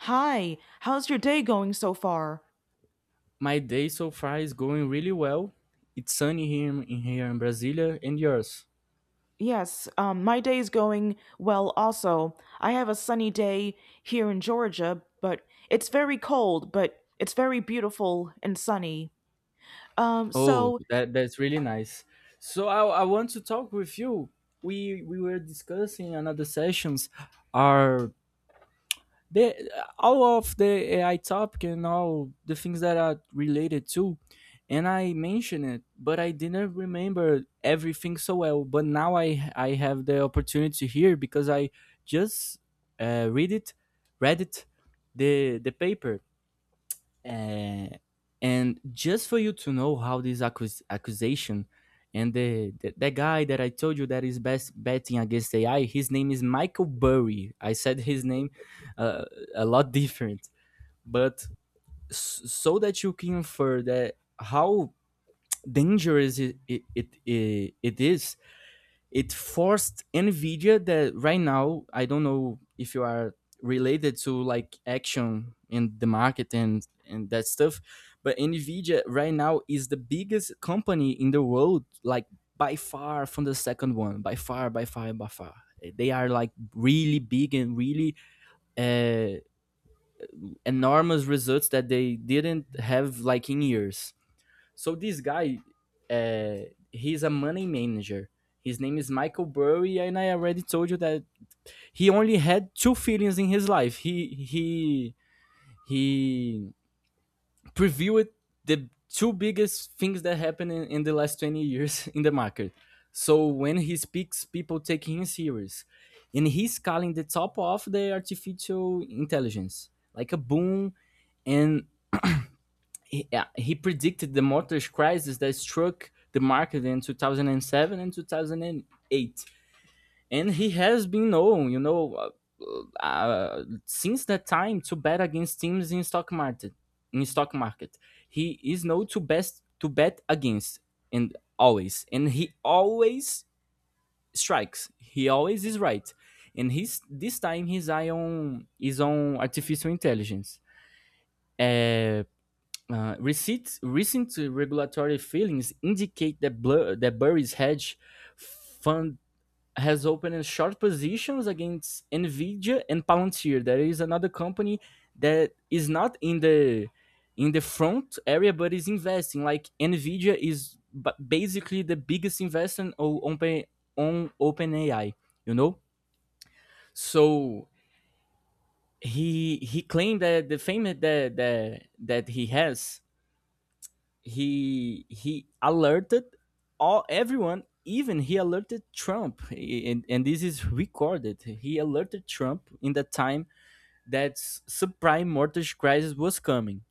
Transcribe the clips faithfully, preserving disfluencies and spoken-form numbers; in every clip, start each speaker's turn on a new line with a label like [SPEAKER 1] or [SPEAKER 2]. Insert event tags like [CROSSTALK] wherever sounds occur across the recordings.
[SPEAKER 1] Hi, how's your day going so far?
[SPEAKER 2] My day so far is going really well. It's sunny here in in here in Brasilia, and yours?
[SPEAKER 1] Yes, um, my day's going well also. I have a sunny day here in Georgia, but it's very cold, but it's very beautiful and sunny. Um,
[SPEAKER 2] Oh,
[SPEAKER 1] so,
[SPEAKER 2] that that's really nice. So I, I want to talk with you. We we were discussing another sessions our the all of the A I topic and all the things that are related to, and I mentioned it, but I didn't remember everything so well. But now I I have the opportunity here because I just uh, read it, read it, the the paper uh, and just for you to know how this accus- accusation and the, the the guy that I told you that is best betting against A I, his name is Michael Burry. I said his name uh, a lot [LAUGHS] different, but s- so that you can infer that how dangerous it it, it, it is. It forced Nvidia. That right now I don't know if you are related to like action in the market and and that stuff, but Nvidia right now is the biggest company in the world, like by far from the second one, by far, by far, by far. They are like really big and really uh, enormous results that they didn't have like in years. So this guy, uh, he's a money manager. His name is Michael Burry, and I already told you that he only had two feelings in his life. He he he previewed the two biggest things that happened in, in the last twenty years [LAUGHS] in the market. So when he speaks, people take him serious. And he's calling the top of the artificial intelligence, like a boom. And he, uh, he predicted the mortgage crisis that struck the market in two thousand seven and two thousand eight, and he has been known, you know, uh, uh, since that time to bet against teams in stock market in stock market. He is known to best to bet against, and always and he always strikes. He always is right. And his this time his eye on is on artificial intelligence. uh, uh, receipts, Recent regulatory filings indicate that, Blur, that Burry's hedge fund has opened short positions against Nvidia and Palantir. There is another company that is not in the in the front area but is investing. Like Nvidia is basically the biggest investor on open on OpenAI. You know, so he he claimed that the fame that that that he has, he he alerted all everyone. Even he alerted Trump, and, and this is recorded. He alerted Trump in the time that subprime mortgage crisis was coming,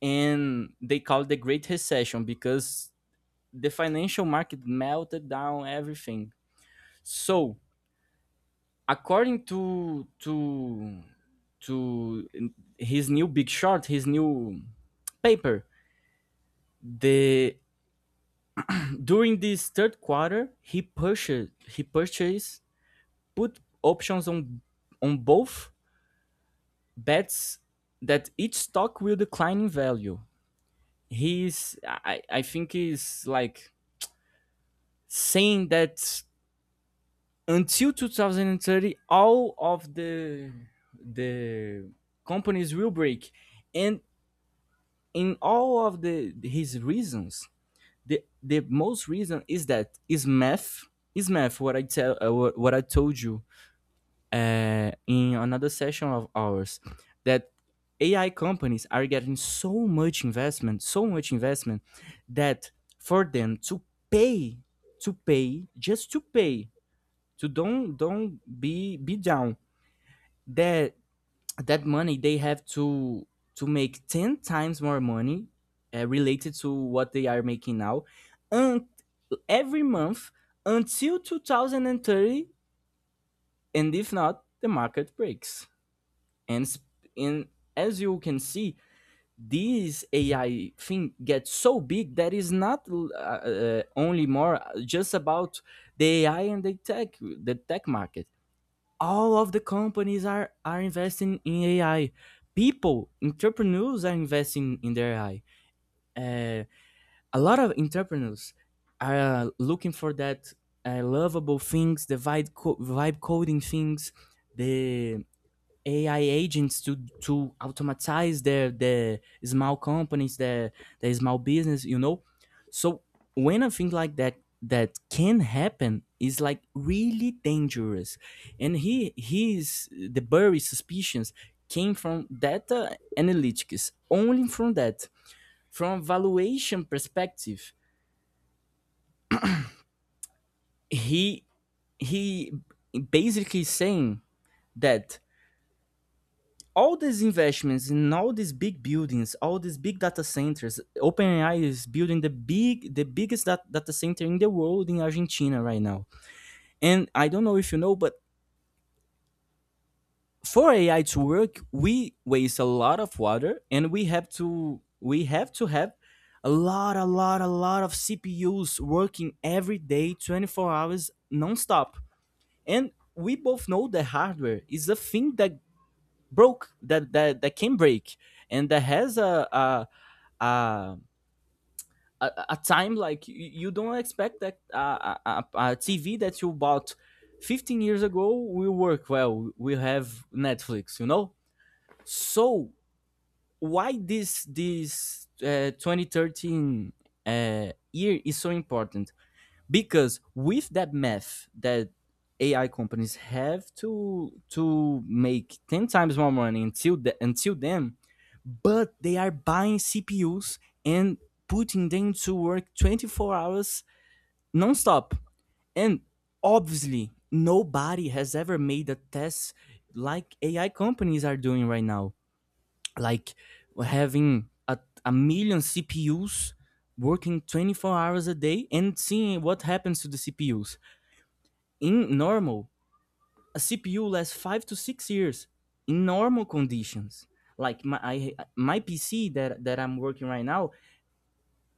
[SPEAKER 2] and they called the great recession because the financial market melted down everything. So according to to to his new big short, his new paper, the during this third quarter, he purchased he purchased put options on on both, bets that each stock will decline in value. He's, I, I think he's like saying that until two thousand thirty all of the the companies will break. And in all of the his reasons, the the most reason is that is math. Is math what I tell uh, what I told you uh, in another session of ours, that A I companies are getting so much investment, so much investment, that for them to pay, to pay, just to pay, to don't don't be be down, that that money they have to to make ten times more money uh, related to what they are making now, and every month until two thousand thirty, and if not, the market breaks. And s- and As you can see, this AI thing gets so big that is not uh, uh, only more just about the AI and the tech the tech market. All of the companies are are investing in AI. People, entrepreneurs are investing in their AI. uh, a lot of entrepreneurs are looking for that, uh, lovable things, the vibe, co- vibe coding things, the A I agents to to automatize their the small companies, their their small business, you know. So when I think like that that can happen, is like really dangerous. And he his the Burry suspicions came from data analytics only, from that, from valuation perspective. He he basically saying that all these investments in all these big buildings, all these big data centers, OpenAI is building the big, the biggest dat- data center in the world in Argentina right now. And I don't know if you know, but for A I to work, we waste a lot of water, and we have to, we have to have a lot, a lot, a lot of C P Us working every day, twenty-four hours non-stop. And we both know the hardware is a thing that broke, that that, that can break, and that has a, a uh, a, a time, like you, you don't expect that uh, a, a, a T V that you bought fifteen years ago will work well. We have Netflix, you know. So why this this uh, twenty thirteen uh, year is so important? Because with that math that A I companies have to to make ten times more money until the, until then, but they are buying C P Us and putting them to work twenty four hours nonstop. And obviously, nobody has ever made a test like A I companies are doing right now, like having a, a million C P Us working twenty-four hours a day, and seeing what happens to the C P Us in normal. A CPU lasts five to six years in normal conditions, like my I, my PC that that I'm working right now,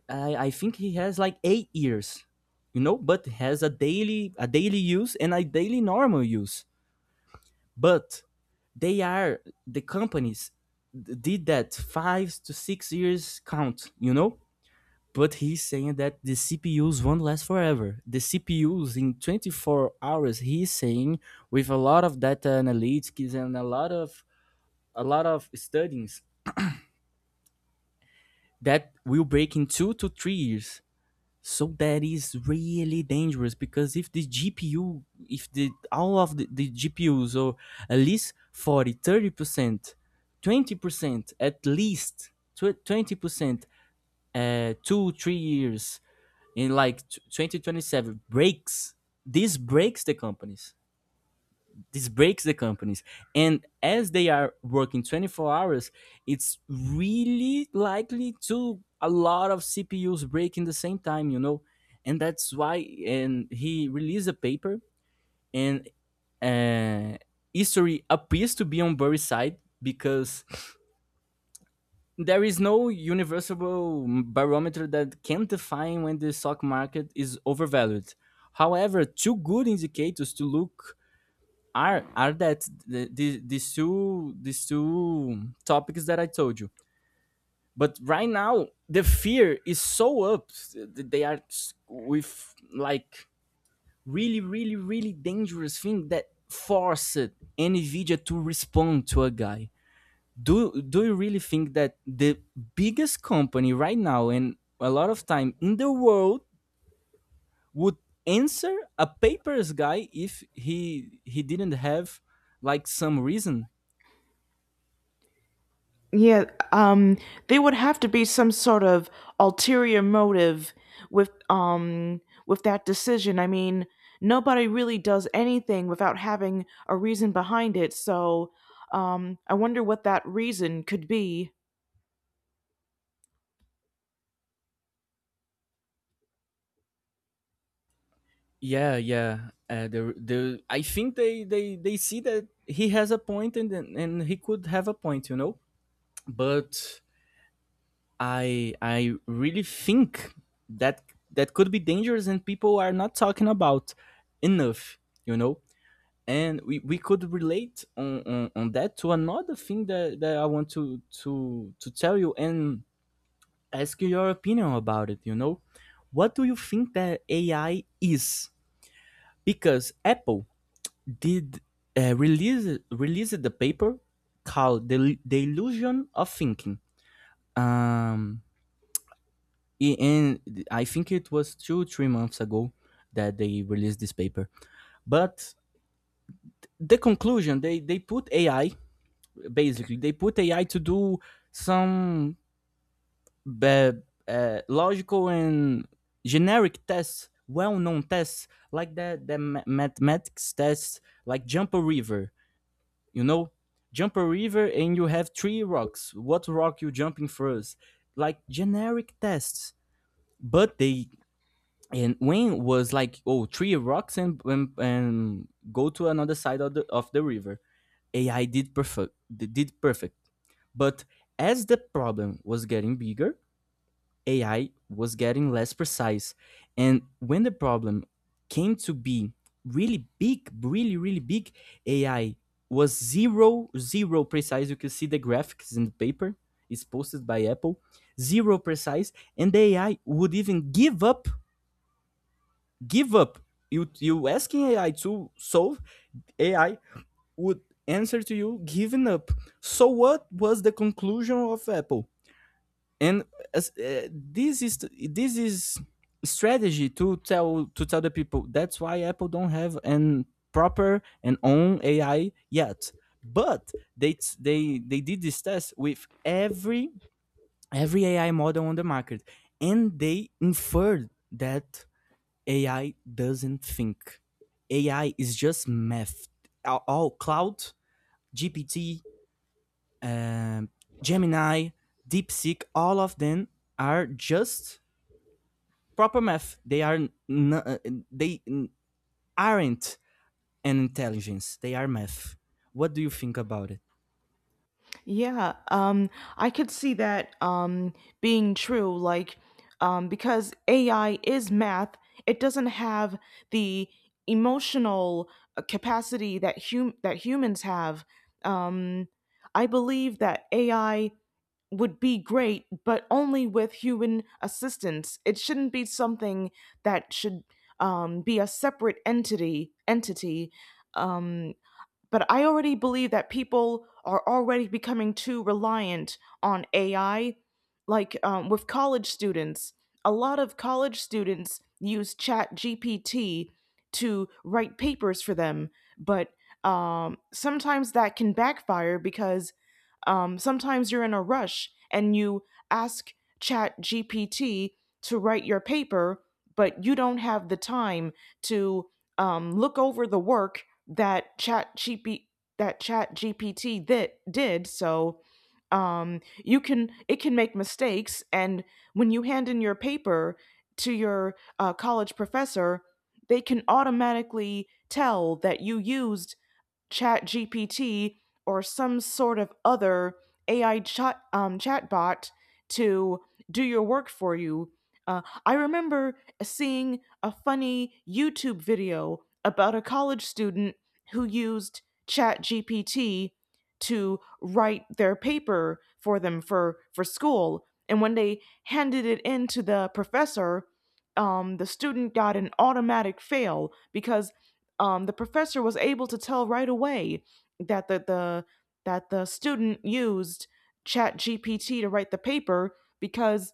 [SPEAKER 2] i i think he has like eight years, you know, but has a daily a daily use and a daily normal use. But they are, the companies did that five to six years count, you know. But he's saying that the C P Us won't last forever. The C P Us in twenty-four hours, he's saying, with a lot of data analytics and a lot of a lot of studies, that will break in two to three years. So that is really dangerous because if the G P U, if the all of the, the G P Us, or at least forty, thirty percent, twenty percent, at least twenty percent, uh, two, three years, in like twenty twenty-seven breaks, this breaks the companies, this breaks the companies and as they are working twenty-four hours, it's really likely to a lot of CPUs break in the same time, you know. And that's why. And he released a paper. And uh, history appears to be on Burry's side, because there is no universal barometer that can define when the stock market is overvalued. However, two good indicators to look are are that the, the, these two these two topics that I told you. But right now, the fear is so up. They are with like really, really, really dangerous thing that forced NVIDIA to respond to a guy. Do do you really think that the biggest company right now, and a lot of time, in the world would answer a papers guy if he he didn't have like some reason?
[SPEAKER 1] yeah, um, there would have to be some sort of ulterior motive with, um, with that decision. I mean, nobody really does anything without having a reason behind it, so, um, I wonder what that reason could be.
[SPEAKER 2] Yeah yeah uh, the the i think they they they see that he has a point, and and he could have a point, you know. But i i really think that that could be dangerous and people are not talking about enough, you know. And we, we could relate on, on, on that to another thing that, that I want to, to to tell you and ask you your opinion about it, you know? What do you think that A I is? Because Apple did uh, release released the paper called the, the illusion of thinking. Um, and I think it was two three months ago that they released this paper. But the conclusion, they they put A I, basically they put AI to do some uh, uh, logical and generic tests, well-known tests, like the, the mathematics tests, like jump a river, you know. Jump a river and you have three rocks, what rock you jumping first, like generic tests. But they, and wayne was like, oh, three rocks and and, and go to another side of the, of the river. AI did perfect, did perfect. But as the problem was getting bigger, A I was getting less precise. And when the problem came to be really big, really, really big, A I was zero, zero precise. You can see the graphics in the paper. It's posted by Apple. Zero precise. And the A I would even give up, give up. You, you asking A I to solve, A I would answer to you giving up. So what was the conclusion of Apple? And as, uh, this is this is strategy to tell to tell the people that's why Apple don't have an proper and own AI yet. But they they they did this test with every every AI model on the market, and they inferred that AI doesn't think. AI is just math. all, all Cloud, GPT, um, Gemini, DeepSeek, all of them are just proper math. They are, n- they n- aren't an intelligence. They are math. What do you think about it?
[SPEAKER 1] Yeah, um, I could see that um, being true. Like, um, because A I is math, it doesn't have the emotional uh, capacity that hum- that humans have. Um, I believe that A I would be great, but only with human assistance. It shouldn't be something that should um, be a separate entity. Entity. Um, but I already believe that people are already becoming too reliant on A I. Like um, with college students, a lot of college students use Chat G P T to write papers for them, but um, sometimes that can backfire because um, sometimes you're in a rush and you ask Chat G P T to write your paper, but you don't have the time to um, look over the work that chat GP, that Chat G P T that did. So um, you can it can make mistakes, and when you hand in your paper to your uh, college professor, they can automatically tell that you used Chat GPT or some sort of other AI chat um, chatbot to do your work for you. uh, I remember seeing a funny YouTube video about a college student who used Chat GPT to write their paper for them for for school, and when they handed it in to the professor, um, the student got an automatic fail because um, the professor was able to tell right away that the, the that the student used Chat GPT to write the paper because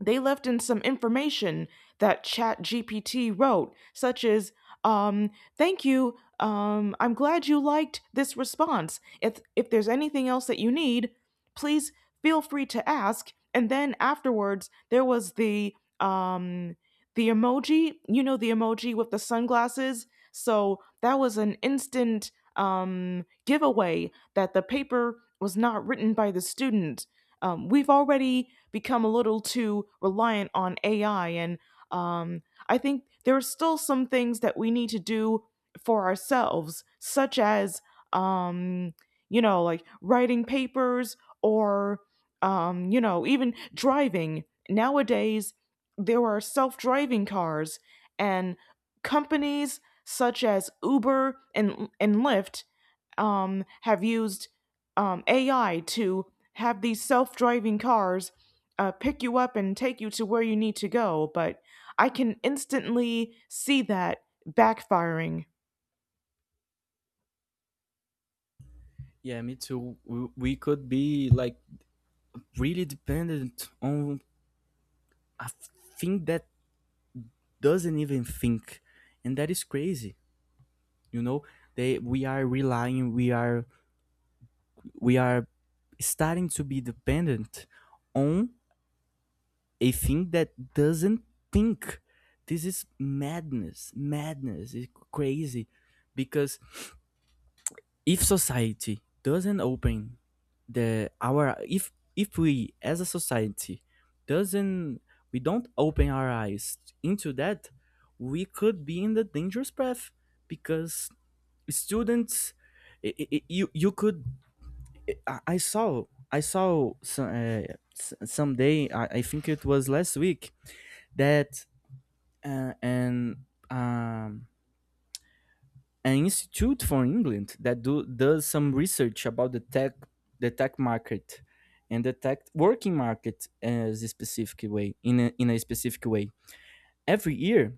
[SPEAKER 1] they left in some information that Chat GPT wrote, such as um, "Thank you, um, I'm glad you liked this response. If if there's anything else that you need, please feel free to ask." And then afterwards there was the um, the emoji, you know, the emoji with the sunglasses. So that was an instant um, giveaway that the paper was not written by the student. Um, we've already become a little too reliant on A I, and um, I think there are still some things that we need to do for ourselves, such as, um, you know, like writing papers or, um, you know, even driving. Nowadays, there are self driving cars, and companies such as Uber and, and Lyft um, have used um, A I to have these self driving cars uh, pick you up and take you to where you need to go, but I can instantly see that backfiring.
[SPEAKER 2] Yeah, me too. W- We could be like really dependent on a thing that doesn't even think, and that is crazy. You know, they we are relying. We are we are starting to be dependent on a thing that doesn't think. This is madness, madness. It's crazy because if society doesn't open the our if if we as a society doesn't, we don't open our eyes into that, we could be in the dangerous path. Because students, I I you you could, i, I saw i saw some uh, s- someday, I, I think it was last week, that uh, and um an institute from England that do does some research about the tech the tech market and the tech working market as a specific way, in a, in a specific way, every year.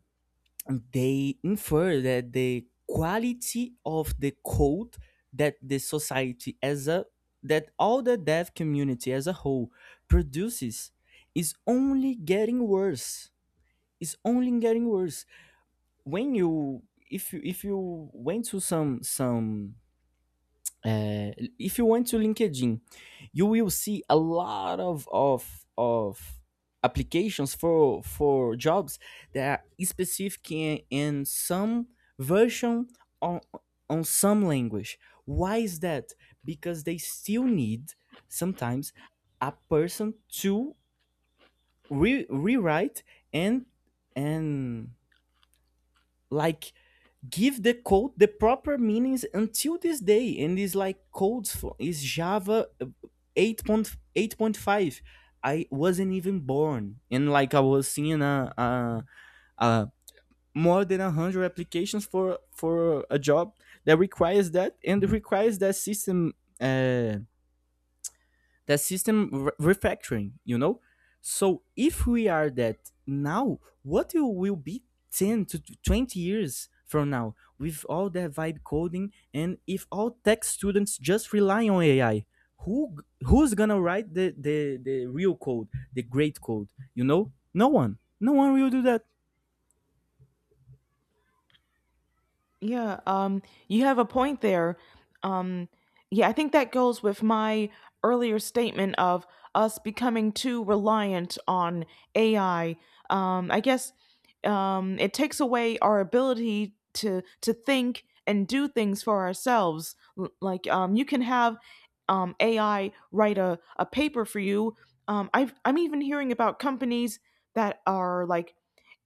[SPEAKER 2] They infer that the quality of the code that the society as a that all the dev community as a whole produces is only getting worse, is only getting worse when you, if you if you went to some some uh, if you went to LinkedIn, you will see a lot of of of applications for for jobs that are specific in, in some version on on some language. Why is that? Because they still need sometimes a person to re- rewrite and and like give the code the proper meanings until this day, and it's like codes for is Java uh, eight point eight point five. I wasn't even born, and like I was seeing a, a, a more than one hundred applications for for a job that requires that and requires that system, uh, that system re- refactoring, you know. So if we are that now, what you will be ten to twenty years from now with all that vibe coding, and if all tech students just rely on AI, who, who's gonna write the the, the real code, the great code, you know? No one, no one will do that.
[SPEAKER 1] Yeah, um, you have a point there. Um, yeah, I think that goes with my earlier statement of us becoming too reliant on A I. Um, I guess um, it takes away our ability to to think and do things for ourselves. L- Like um, you can have um, A I write a, a paper for you. Um, I've, I'm even hearing about companies that are like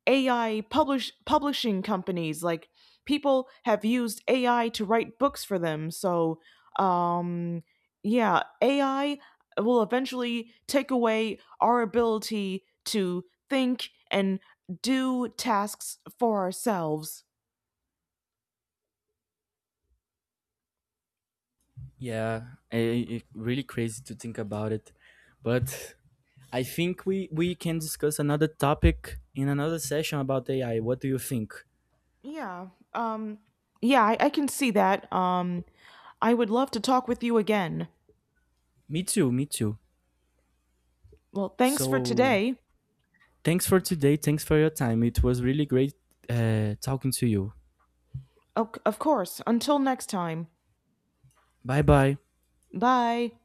[SPEAKER 1] A I publish publishing companies. Like people have used A I to write books for them. So um, yeah, A I will eventually take away our ability to think and do tasks for ourselves.
[SPEAKER 2] Yeah i- i- it's really crazy to think about it. But I think we, we can discuss another topic in another session about A I. What do you think?
[SPEAKER 1] Yeah. Um, yeah, I, I can see that. Um, I would love to talk with you again.
[SPEAKER 2] Me too, me too.
[SPEAKER 1] Well, thanks for
[SPEAKER 2] So
[SPEAKER 1] today.
[SPEAKER 2] thanks for today. Thanks for your time. It was really great uh, talking to you.
[SPEAKER 1] Of, of course. Until next time.
[SPEAKER 2] Bye bye.
[SPEAKER 1] Bye.